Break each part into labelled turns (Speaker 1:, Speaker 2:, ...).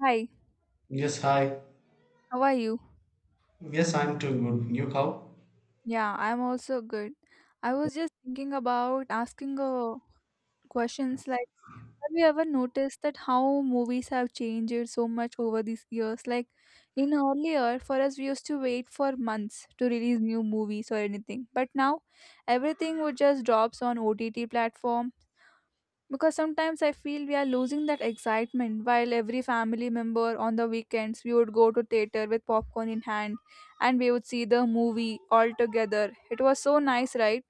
Speaker 1: Hi,
Speaker 2: Yes, hi.
Speaker 1: how are you?
Speaker 2: Yes, I'm too good. You how?
Speaker 1: Yeah, I'm also good. I was just thinking about asking questions like, have you ever noticed that how movies have changed so much over these years? Like, in earlier, for us, we used to wait for months to release new movies or anything. But now, everything would just drops on OTT platform, because sometimes I feel we are losing that excitement. While every family member, on the weekends, we would go to theater with popcorn in hand and we would see the movie all together. It was so nice, right?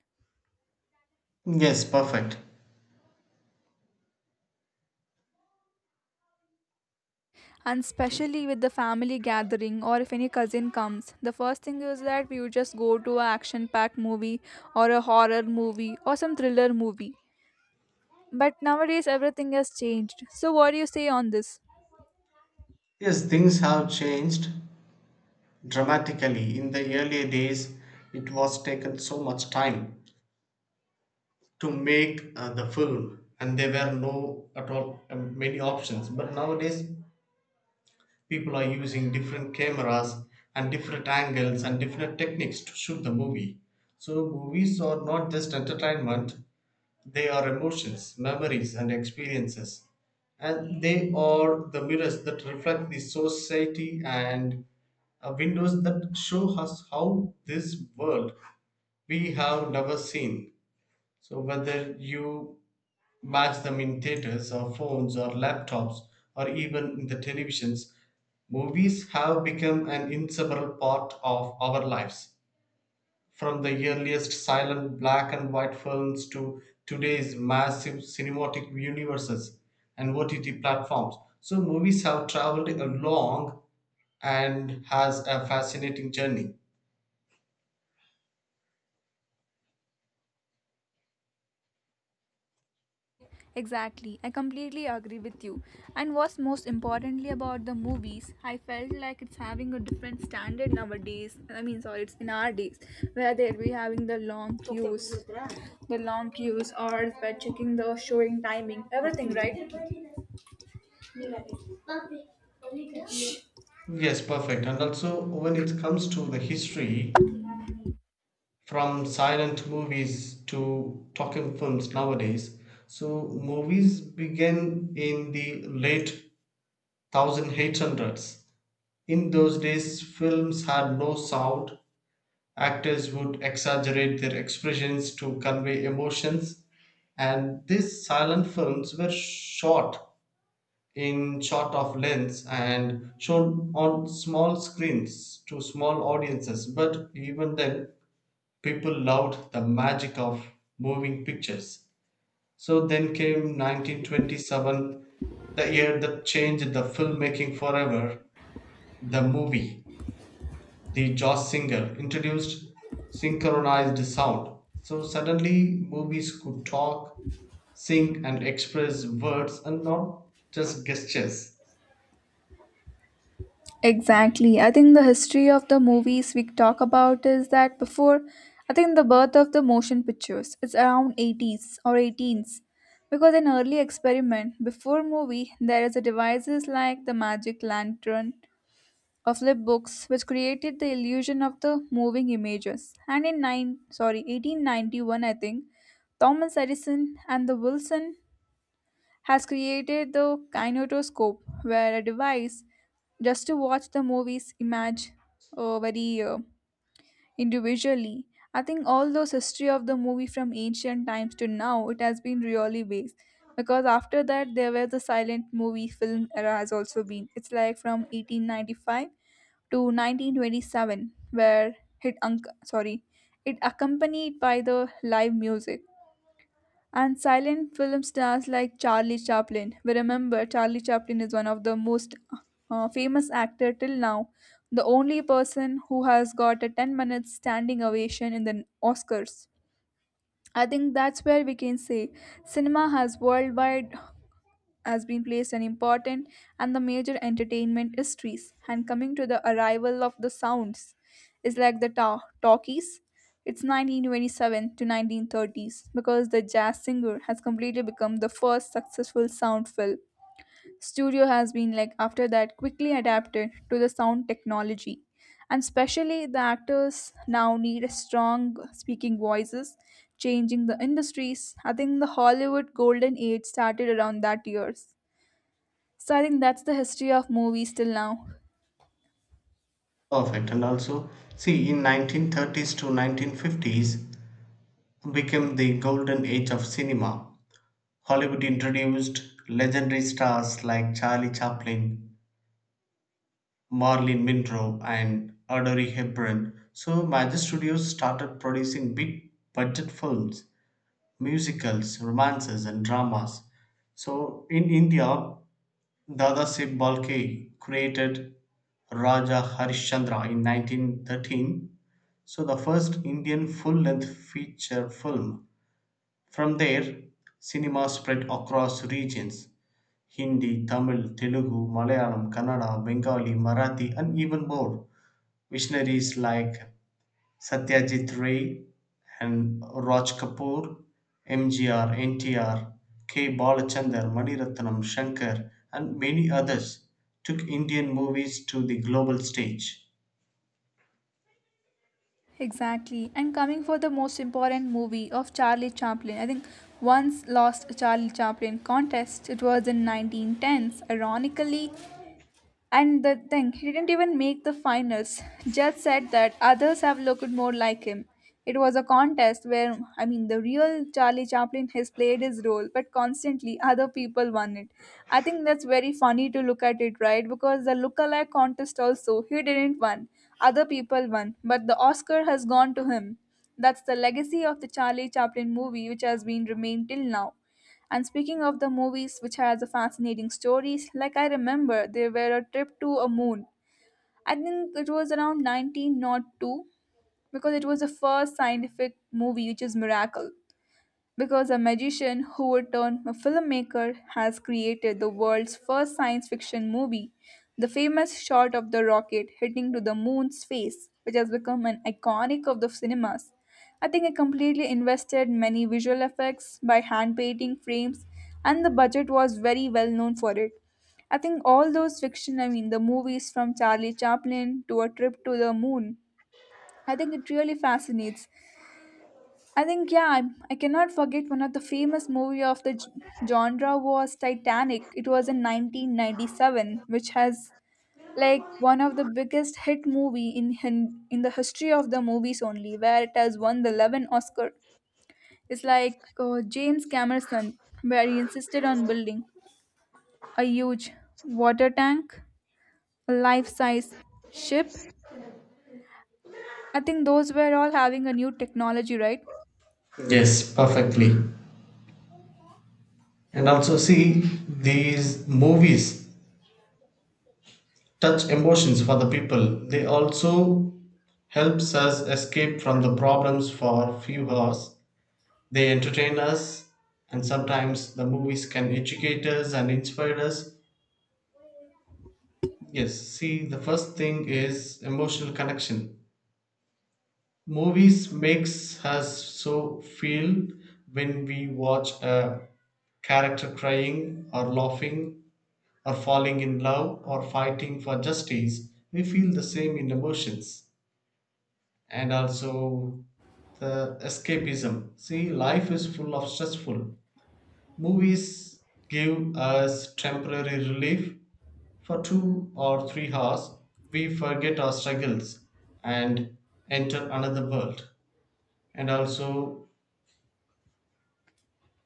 Speaker 2: Yes, perfect.
Speaker 1: And especially with the family gathering, or if any cousin comes, the first thing is that we would just go to a action packed movie or a horror movie or some thriller movie. But nowadays everything has changed, so what do you say on this?
Speaker 2: Yes, things have changed dramatically. In the earlier days, it was taken so much time to make the film, and there were no at all many options. But nowadays, people are using different cameras and different angles and different techniques to shoot the movie. So movies are not just entertainment; they are emotions, memories, and experiences, and they are the mirrors that reflect the society, and windows that show us how this world we have never seen. So, whether you match them in theaters or phones or laptops or even in the televisions, movies have become an inseparable part of our lives. From the earliest silent black and white films to today's massive cinematic universes and OTT platforms. So movies have traveled a long and has a fascinating journey.
Speaker 1: Exactly, I completely agree with you. And what's most importantly about the movies, I felt like it's having a different standard nowadays. I mean, sorry, it's in our days where they'll be having the long queues, or by checking the showing timing, everything, right?
Speaker 2: Yes, perfect. And also, when it comes to the history, from silent movies to talking films nowadays, so movies began in the late 1800s. In those days, films had no sound. Actors would exaggerate their expressions to convey emotions, and these silent films were shot in shot of lens and shown on small screens to small audiences. But even then, people loved the magic of moving pictures. So then came 1927, the year that changed the filmmaking forever, the movie. The jazz singer introduced synchronized sound, so suddenly movies could talk, sing, and express words and not just gestures.
Speaker 1: Exactly. I think the history of the movies we talk about is that before, I think the birth of the motion pictures is around 80s or 18s. Because in early experiment, before movie, there is a devices like the magic lantern or flip books which created the illusion of the moving images. And in 1891, I think, Thomas Edison and the Wilson has created the kinetoscope, where a device just to watch the movies image very individually. I think all those history of the movie from ancient times to now, it has been really based. Because after that, there were the silent movie film era has also been. It's like from 1895 to 1927, where it unc sorry, it accompanied by the live music and silent film stars like Charlie Chaplin. We remember Charlie Chaplin is one of the most famous actor till now, the only person who has got a 10 minutes standing ovation in the Oscars. I think that's where we can say cinema has worldwide has been placed an important and the major entertainment histories. And coming to the arrival of the sounds is like the talkies, it's 1927 to 1930s, because the jazz singer has completely become the first successful sound film. Studio has been like after that quickly adapted to the sound technology, and especially the actors now need a strong speaking voices, changing the industries. I think the Hollywood golden age started around that years. So I think that's the history of movies till now.
Speaker 2: Perfect. And also, see, in 1930s to 1950s became the golden age of cinema. Hollywood introduced legendary stars like Charlie Chaplin, Marilyn Monroe, and Audrey Hepburn. So, Major Studios started producing big budget films, musicals, romances, and dramas. So in India, Dadasaheb Balke created Raja Harishchandra in 1913, so the first Indian full-length feature film. From there, cinema spread across regions: Hindi, Tamil, Telugu, Malayalam, Kannada, Bengali, Marathi, and even more. Visionaries like Satyajit Ray and Raj Kapoor, MGR, NTR, K. Balachandar, Maniratnam, Shankar, and many others took Indian movies to the global stage.
Speaker 1: Exactly. And coming for the most important movie of Charlie Chaplin, I think once lost Charlie Chaplin contest. It was in 1910s. Ironically, and the thing, he didn't even make the finals. Judge said that others have looked more like him. It was a contest where, I mean, the real Charlie Chaplin has played his role, but constantly other people won it. I think that's very funny to look at it, right? Because the lookalike contest also, he didn't win. Other people won, but the Oscar has gone to him. That's the legacy of the Charlie Chaplin movie, which has been remained till now. And speaking of the movies which has a fascinating stories, like I remember there were a trip to a moon. I think it was around 1902, because it was the first scientific movie which is Miracle. Because a magician who would turn a filmmaker has created the world's first science fiction movie, the famous shot of the rocket hitting to the moon's face, which has become an iconic of the cinemas. I think I completely invested many visual effects by hand painting frames, and the budget was very well known for it. I think all those fiction, I mean, the movies from Charlie Chaplin to A Trip to the Moon, I think it really fascinates. I think yeah, I cannot forget one of the famous movie of the genre was Titanic. It was in 1997, which has like one of the biggest hit movie in the history of the movies only, where it has won the 11 Oscar. It's like James Cameron, where he insisted on building a huge water tank, a life-size ship. I think those were all having a new technology, right?
Speaker 2: Yes, perfectly. And also, see, these movies touch emotions for the people. They also helps us escape from the problems for a few hours. They entertain us, and sometimes the movies can educate us and inspire us. Yes, see, the first thing is emotional connection. Movies makes us so feel when we watch a character crying or laughing or falling in love or fighting for justice. We feel the same in emotions, and also the escapism. See, life is full of stressful. Movies give us temporary relief. For 2 or 3 hours we forget our struggles and enter another world. And also,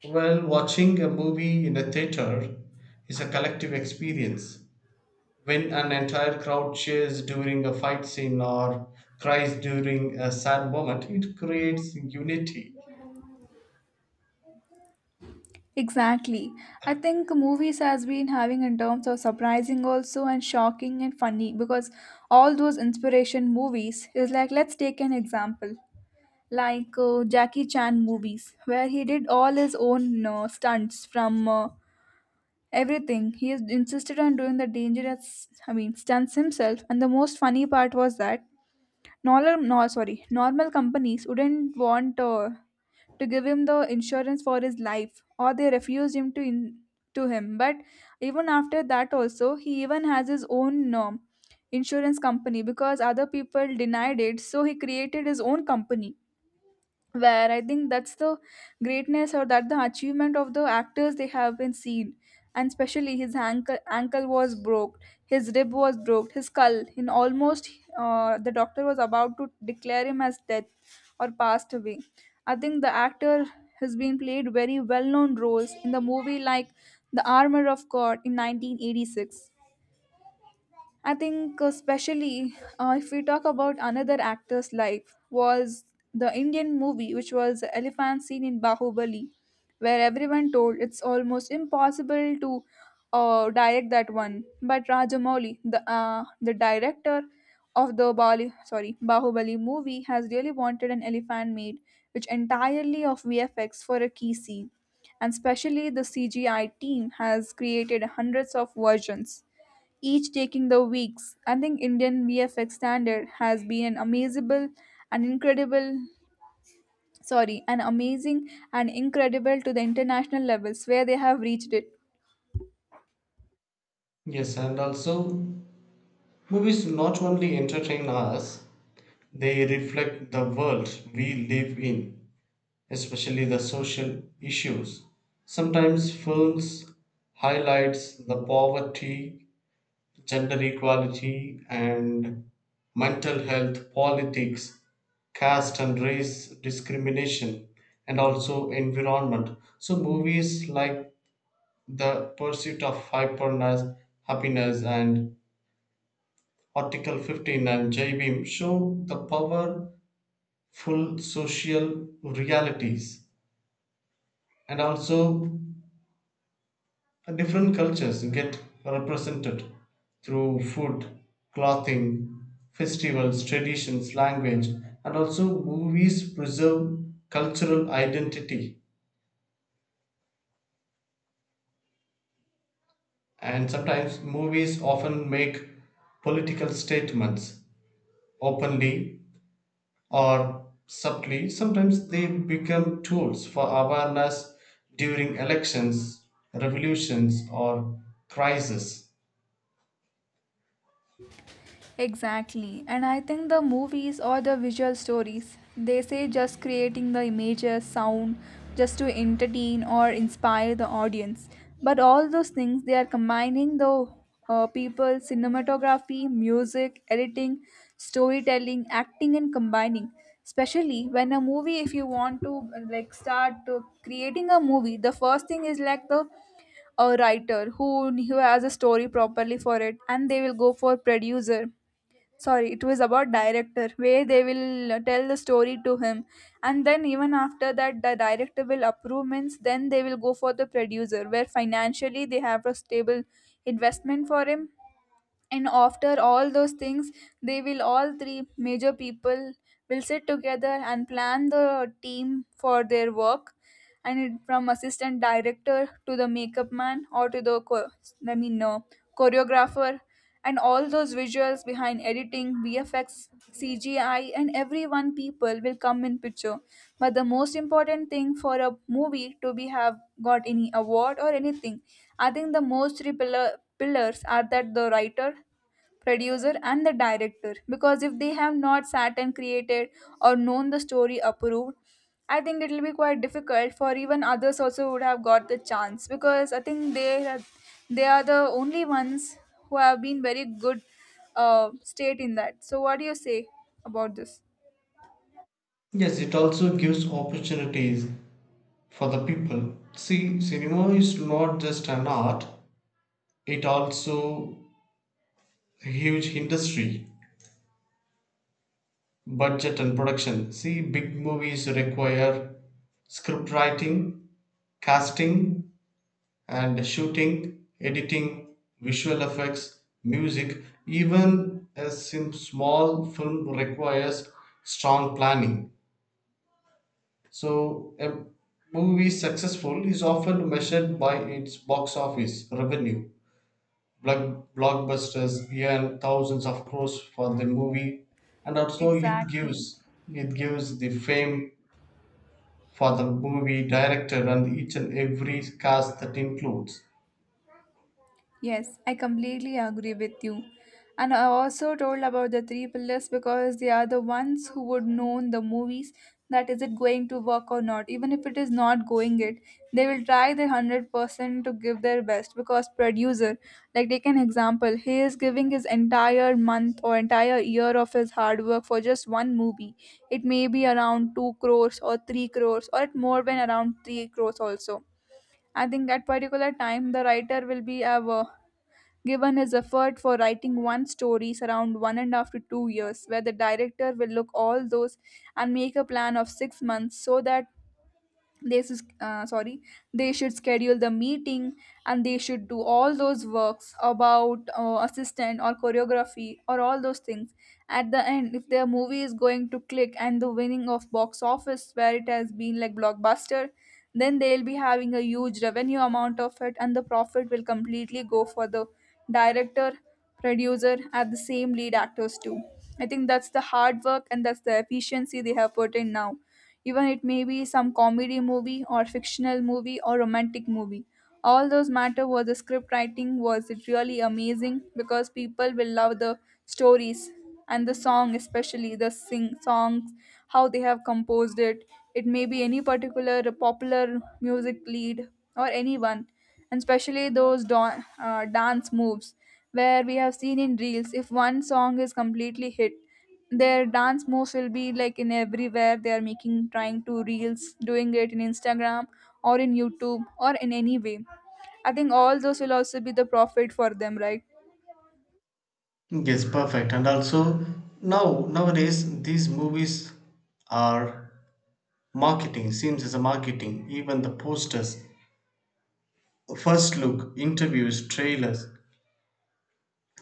Speaker 2: well, watching a movie in a theater is a collective experience. When an entire crowd cheers during a fight scene or cries during a sad moment, it creates unity.
Speaker 1: Exactly. I think movies has been having in terms of surprising also and shocking and funny, because all those inspiration movies is like, let's take an example like Jackie Chan movies, where he did all his own stunts from everything. He is insisted on doing the dangerous, I mean, stunts himself. And the most funny part was that normal no sorry normal companies wouldn't want to give him the insurance for his life, or they refused him to him. But even after that also, he even has his own insurance company, because other people denied it, so he created his own company. Where I think that's the greatness or that the achievement of the actors they have been seen. And especially his ankle was broke, his rib was broke, his skull. In almost, the doctor was about to declare him as death or passed away. I think the actor has been played very well-known roles in the movie like The Armor of God in 1986, I think. Especially if we talk about another actor's life, was the Indian movie, which was elephant scene in Bahubali, where everyone told it's almost impossible to direct that one. But Rajamouli, the director of the Bali, sorry Bahubali movie, has really wanted an elephant made, which entirely of VFX for a key scene, and especially the CGI team has created hundreds of versions, each taking the weeks. I think Indian VFX standard has been and incredible an amazing and incredible to the international levels where they have reached it.
Speaker 2: Yes, and also, movies not only entertain us, they reflect the world we live in. Especially the social issues, sometimes films highlights the poverty, gender equality and mental health, politics, caste and race discrimination, and also environment. So movies like the pursuit of hyperness happiness and article 15 and j-beam show the powerful social realities. And also, different cultures get represented through food, clothing, festivals, traditions, language, and also movies preserve cultural identity. And sometimes movies often make political statements openly or subtly. Sometimes they become tools for awareness during elections, revolutions, or crises.
Speaker 1: Exactly. And I think the movies or the visual stories, they say just creating the images, sound, just to entertain or inspire the audience. But all those things, they are combining the people, cinematography, music, editing, storytelling, acting, and combining. Especially when a movie, if you want to like start to creating a movie, the first thing is like the a writer who has a story properly for it, and they will go for producer, sorry, it was about director, where they will tell the story to him. And then even after that, the director will approve means, then they will go for the producer where financially they have a stable investment for him. And after all those things, they will all three major people will sit together and plan the team for their work. And it, from assistant director to the makeup man or to the cho- i mean no choreographer, and all those visuals behind editing, vfx, CGI, and everyone people will come in picture. But the most important thing for a movie to be have got any award or anything, I think the most three pillars are that the writer, producer and the director. Because if they have not sat and created or known the story approved, I think it will be quite difficult for even others also would have got the chance. Because I think they are the only ones who have been very good state in that. So what do you say about this?
Speaker 2: Yes, it also gives opportunities for the people. See, cinema is not just an art, it also a huge industry, budget and production. See, big movies require script writing, casting and shooting, editing, visual effects, music. Even a sim- small film requires strong planning. So, a movie successful is often measured by its box office revenue. Block, blockbusters earn thousands of crores for the movie, and also it
Speaker 1: Exactly.
Speaker 2: gives, it gives the fame for the movie director and each and every cast that includes.
Speaker 1: Yes, I completely agree with you. And I also told about the three pillars, because they are the ones who would know in the movies that is it going to work or not. Even if it is not going it, they will try their 100% to give their best, because producer, like take an example, he is giving his entire month or entire year of his hard work for just one movie. It may be around 2 crores or 3 crores, or it more than around 3 crores also. I think at particular time the writer will be ever given his effort for writing one story around one and after 2 years where the director will look all those and make a plan of 6 months so that they should, uh, sorry they should schedule the meeting and they should do all those works about assistant or choreography or all those things. At the end, if their movie is going to click and the winning of box office where it has been like blockbuster, then they'll be having a huge revenue amount of it and the profit will completely go for the director, producer and the same lead actors too. I think that's the hard work and that's the efficiency they have put in now. Even it may be some comedy movie or fictional movie or romantic movie, all those matter was the script writing, was it really amazing? Because people will love the stories and the song, especially the sing songs, how they have composed it. It may be any particular popular music lead or anyone, and especially those dance moves where we have seen in reels. If one song is completely hit, their dance moves will be like in everywhere, they are making trying to reels doing it in Instagram or in YouTube or in any way. I think all those will also be the profit for them, right?
Speaker 2: Yes, perfect. And also now nowadays these movies are marketing, seems as a marketing, even the posters, first look, interviews, trailers.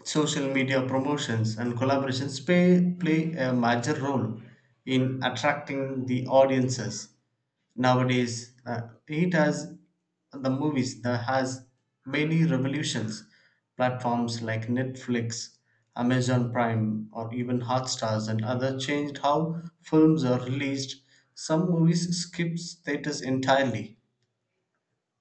Speaker 2: Social media promotions and collaborations play a major role in attracting the audiences. Nowadays, it has the movies that has many revolutions. Platforms like Netflix, Amazon Prime, or even Hotstars and other changed how films are released. Some movies skip status entirely.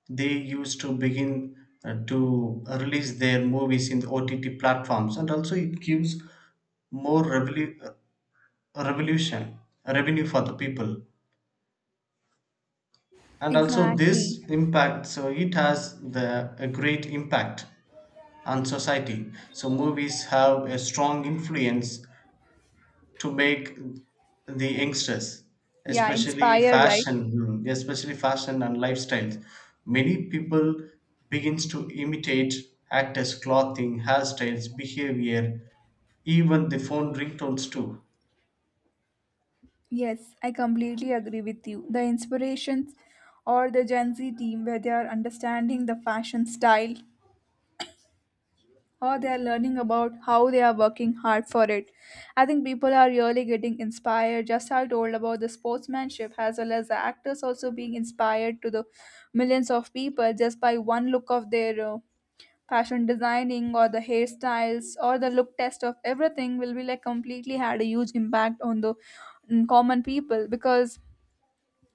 Speaker 2: They used to begin to release their movies in the OTT platforms, and also it gives more revolution revenue for the people. And also
Speaker 1: Exactly.
Speaker 2: this impact, so it has the a great impact on society. So movies have a strong influence to make the youngsters,
Speaker 1: Yeah,
Speaker 2: especially
Speaker 1: inspire, right?
Speaker 2: fashion, especially fashion and lifestyles. Many people begins to imitate actors clothing, hairstyles, behavior, even the phone ringtones too.
Speaker 1: Yes, I completely agree with you. The inspirations or the gen Z team where they are understanding the fashion style or they are learning about how they are working hard for it. I think people are really getting inspired. Just how I told about the sportsmanship, as well as the actors also being inspired to the millions of people just by one look of their fashion designing or the hairstyles or the look test of everything will be like completely had a huge impact on the common people. Because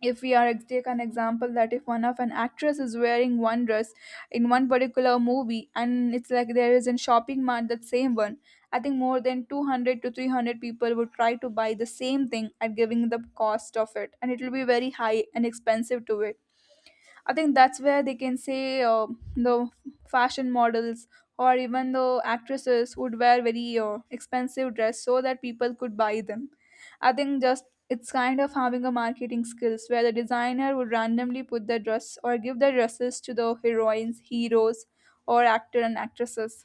Speaker 1: if we are take an example that if one of an actress is wearing one dress in one particular movie and it's like there is in shopping mart that same one, I think more than 200 to 300 people would try to buy the same thing at giving the cost of it, and it will be very high and expensive to it. I think that's where they can say, the fashion models or even the actresses would wear very expensive dress so that people could buy them. I think just it's kind of having a marketing skills where the designer would randomly put the dress or give the dresses to the heroines, heroes, or actor and actresses,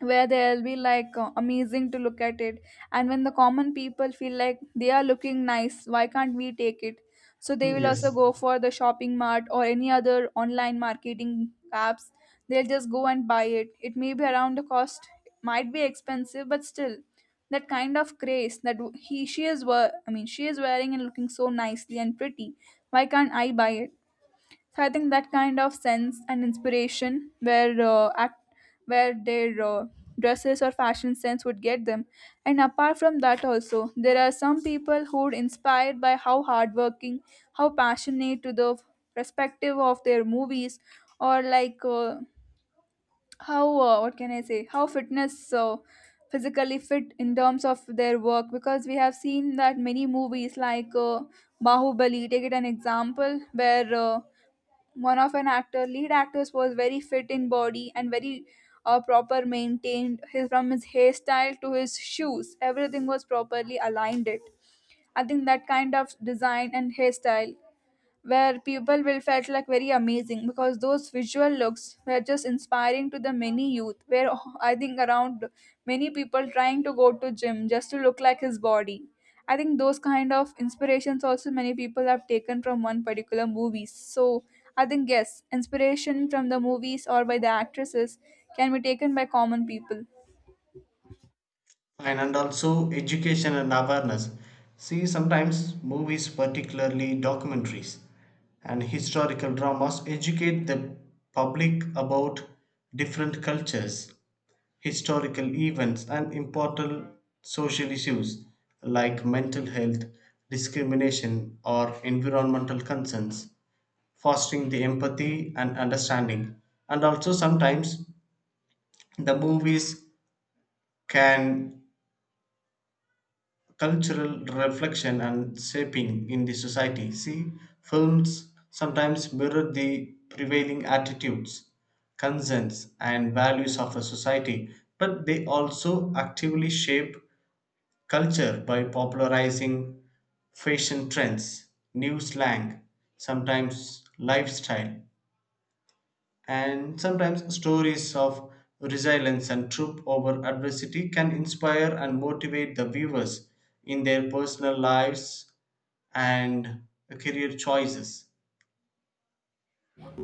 Speaker 1: where they'll be like amazing to look at it. And when the common people feel like they are looking nice, why can't we take it? So they will also
Speaker 2: Yes,
Speaker 1: go for the shopping mart or any other online marketing apps. They'll just go and buy it. It may be around the cost might be expensive, but still that kind of craze that he she is wear, I mean, she is wearing and looking so nicely and pretty, why can't I buy it? So I think that kind of sense and inspiration, where act, where their dresses or fashion sense would get them. And apart from that, also there are some people who are inspired by how hardworking, how passionate to the perspective of their movies, or like how what can I say? How fitness. Physically fit in terms of their work, because we have seen that many movies like bahubali, take it an example where one of an actor lead actors was very fit in body and very proper maintained his, from his hairstyle to his shoes, everything was properly aligned it. I think that kind of design and hairstyle where people will felt like very amazing, because those visual looks were just inspiring to the many youth where I think around many people trying to go to gym just to look like his body. I think those kind of inspirations also many people have taken from one particular movie. So I think yes, inspiration from the movies or by the actresses can be taken by common people.
Speaker 2: and also education and awareness. See, sometimes movies, particularly documentaries and historical dramas, educate the public about different cultures, historical events, and important social issues like mental health, discrimination, or environmental concerns, fostering the empathy and understanding. And also, sometimes the movies can cultural reflection and shaping in the society. See, films sometimes mirror the prevailing attitudes, concerns and values of a society, but they also actively shape culture by popularizing fashion trends, new slang, sometimes lifestyle, and sometimes stories of resilience and troop over adversity can inspire and motivate the viewers in their personal lives and career choices.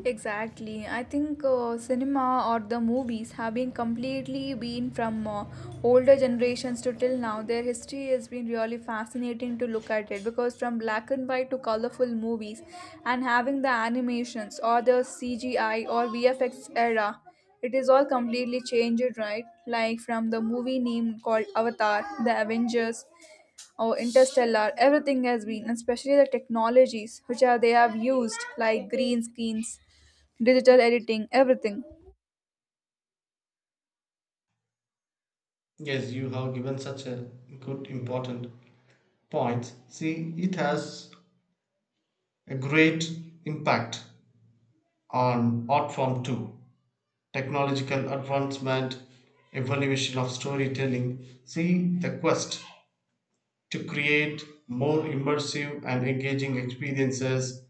Speaker 1: Exactly. I think cinema or the movies have been completely been from older generations to till now. Their history has been really fascinating to look at it, because from black and white to colorful movies and having the animations or the CGI or VFX era, it is all completely changed, right? Like from the movie name called Avatar, The Avengers, or Interstellar, everything has been, and especially the technologies which are they have used, like green screens, digital editing, everything.
Speaker 2: Yes, you have given such a good important point. See, it has a great impact on art form too. Technological advancement, evolution of storytelling. See, the quest to create more immersive and engaging experiences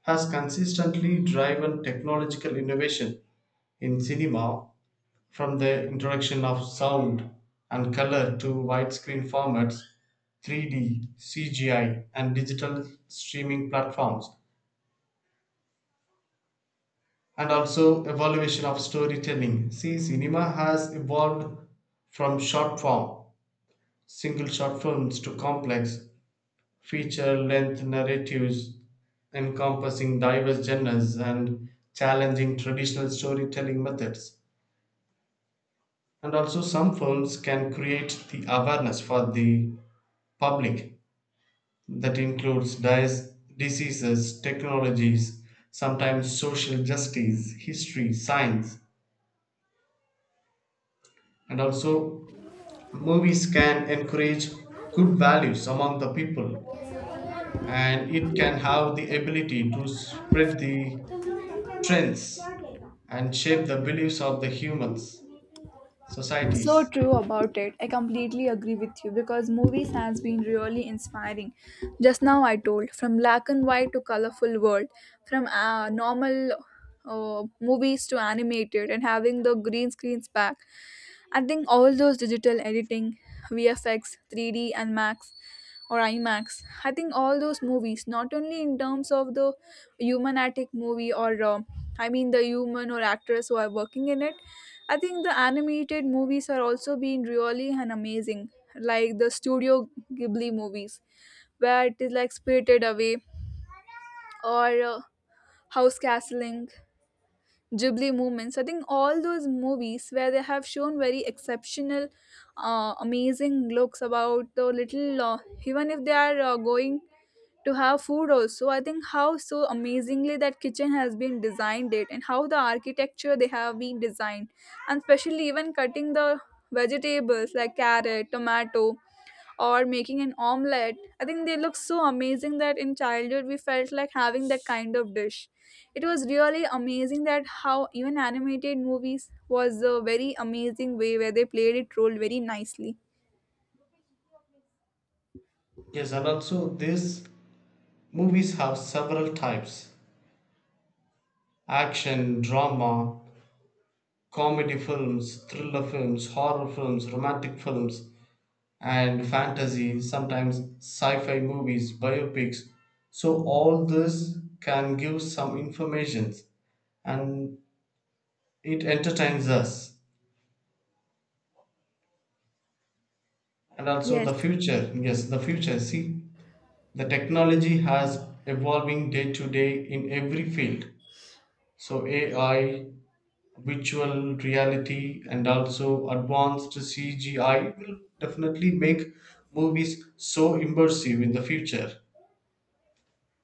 Speaker 2: has consistently driven technological innovation in cinema, from the introduction of sound and color to widescreen formats, 3D, CGI, and digital streaming platforms, and also evolution of storytelling. See, cinema has evolved from short form single short films to complex, feature length narratives encompassing diverse genres and challenging traditional storytelling methods. And also, some films can create the awareness for the public that includes dis- diseases, technologies, sometimes social justice, history, science, and also movies can encourage good values among the people, and it can have the ability to spread the trends and shape the beliefs of the humans,
Speaker 1: So
Speaker 2: societies.
Speaker 1: true about it. I completely agree with you, because movies has been really inspiring. Just now I told from black and white to colorful world, from normal movies to animated and having the green screens back. I think all those digital editing, VFX, 3D and max or IMAX. I think all those movies, not only in terms of the human-attic movie or I mean the human or actors who are working in it, I think the animated movies are also being really and amazing, like the Studio Ghibli movies, where it is like Spirited Away or House Castling. Ghibli movements. I think all those movies where they have shown very exceptional amazing looks about the little even if they are going to have food also. I think how so amazingly that kitchen has been designed it, and how the architecture they have been designed, and especially even cutting the vegetables like carrot, tomato, or making an omelette, I think they look so amazing that in childhood we felt like having that kind of dish. It was really amazing that how even animated movies was a very amazing way where they played it role very nicely.
Speaker 2: Yes, and also these movies have several types: action, drama, comedy films, thriller films, horror films, romantic films, and fantasy, sometimes sci-fi movies, biopics. So all this can give some information, and it entertains us. And also
Speaker 1: Yes.
Speaker 2: the future, yes, the future. See, the technology has evolving day to day in every field, so AI, virtual reality, and also advanced CGI will definitely make movies so immersive in the future.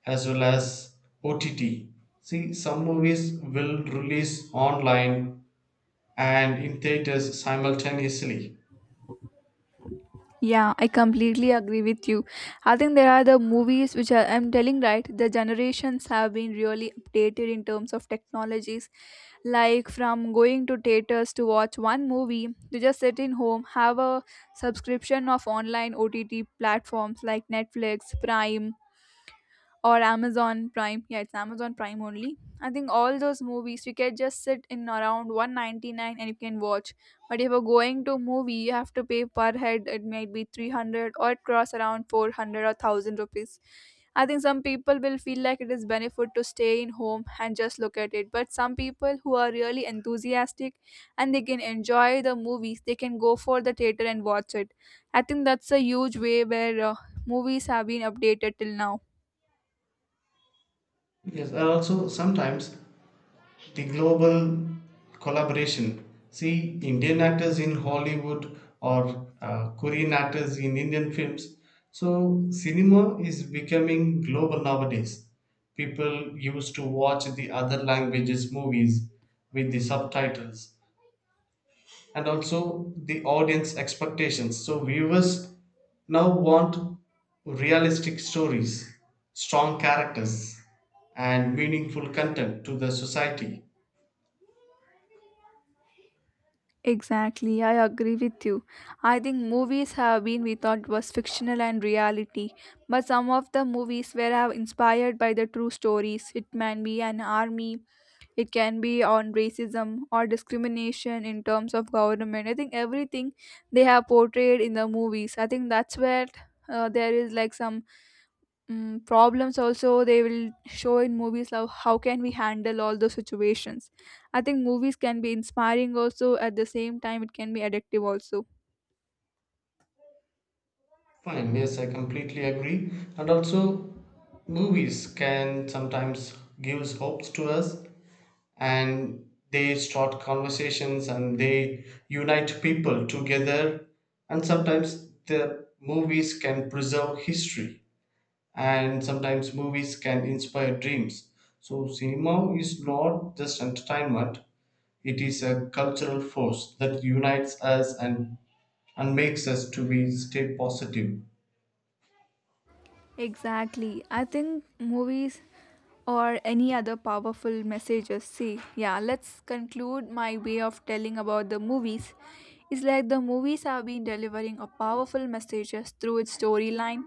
Speaker 2: As well as OTT, see, some movies will release online and in theaters simultaneously.
Speaker 1: Yeah, I completely agree with you. I think there are the movies which are, I'm telling right, the generations have been really updated in terms of technologies. Like from going to theaters to watch one movie, to just sit in home, have a subscription of online OTT platforms like Netflix, Prime, or Amazon Prime. Yeah, it's Amazon Prime only. I think all those movies you can just sit in around 199 and you can watch. But if you're going to movie, you have to pay per head. It might be 300 or it costs around 400 or 1000 rupees. I think some people will feel like it is benefit to stay in home and just look at it. But some people who are really enthusiastic and they can enjoy the movies, they can go for the theater and watch it. I think that's a huge way where movies have been updated till now.
Speaker 2: Yes, and also sometimes the global collaboration. See, Indian actors in Hollywood or Korean actors in Indian films. So, cinema is becoming global nowadays. People used to watch the other languages' movies with the subtitles, and also the audience expectations. So, viewers now want realistic stories, strong characters, and meaningful content to the society.
Speaker 1: Exactly, I agree with you. I think movies have been we thought was fictional and reality, but some of the movies were have inspired by the true stories. It can be an army, it can be on racism or discrimination in terms of government. I think everything they have portrayed in the movies. I think that's where there is like some problems also they will show in movies, how can we handle all those situations. I think movies can be inspiring, also at the same time it can be addictive also.
Speaker 2: Fine, yes, I completely agree. And also, movies can sometimes gives hopes to us, and they start conversations and they unite people together, and sometimes the movies can preserve history, and sometimes movies can inspire dreams. So cinema is not just entertainment, it is a cultural force that unites us and makes us to be stay positive.
Speaker 1: Exactly. I think movies or any other powerful messages. See, yeah, let's conclude my way of telling about the movies. It's like the movies have been delivering a powerful messages through its storyline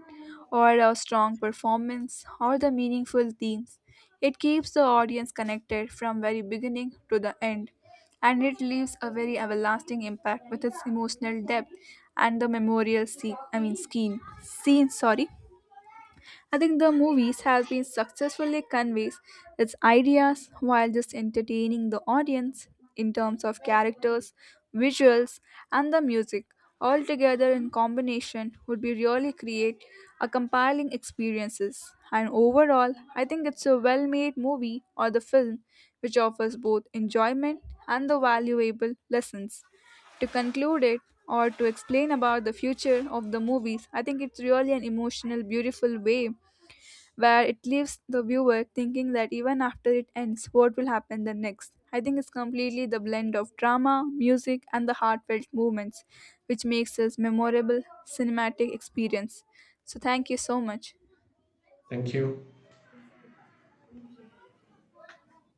Speaker 1: or a strong performance or the meaningful themes. It keeps the audience connected from very beginning to the end, and it leaves a very everlasting impact with its emotional depth and the memorial scene, I mean, skin, scene, sorry I think the movies has been successfully conveys its ideas while just entertaining the audience in terms of characters, visuals, and the music. All together in combination would be really create a compelling experiences. And overall, I think it's a well-made movie or the film which offers both enjoyment and the valuable lessons. To conclude it or to explain about the future of the movies, I think it's really an emotional beautiful way where it leaves the viewer thinking that even after it ends, what will happen the next. I think it's completely the blend of drama, music, and the heartfelt movements, which makes this memorable cinematic experience. So thank you so much.
Speaker 2: Thank you.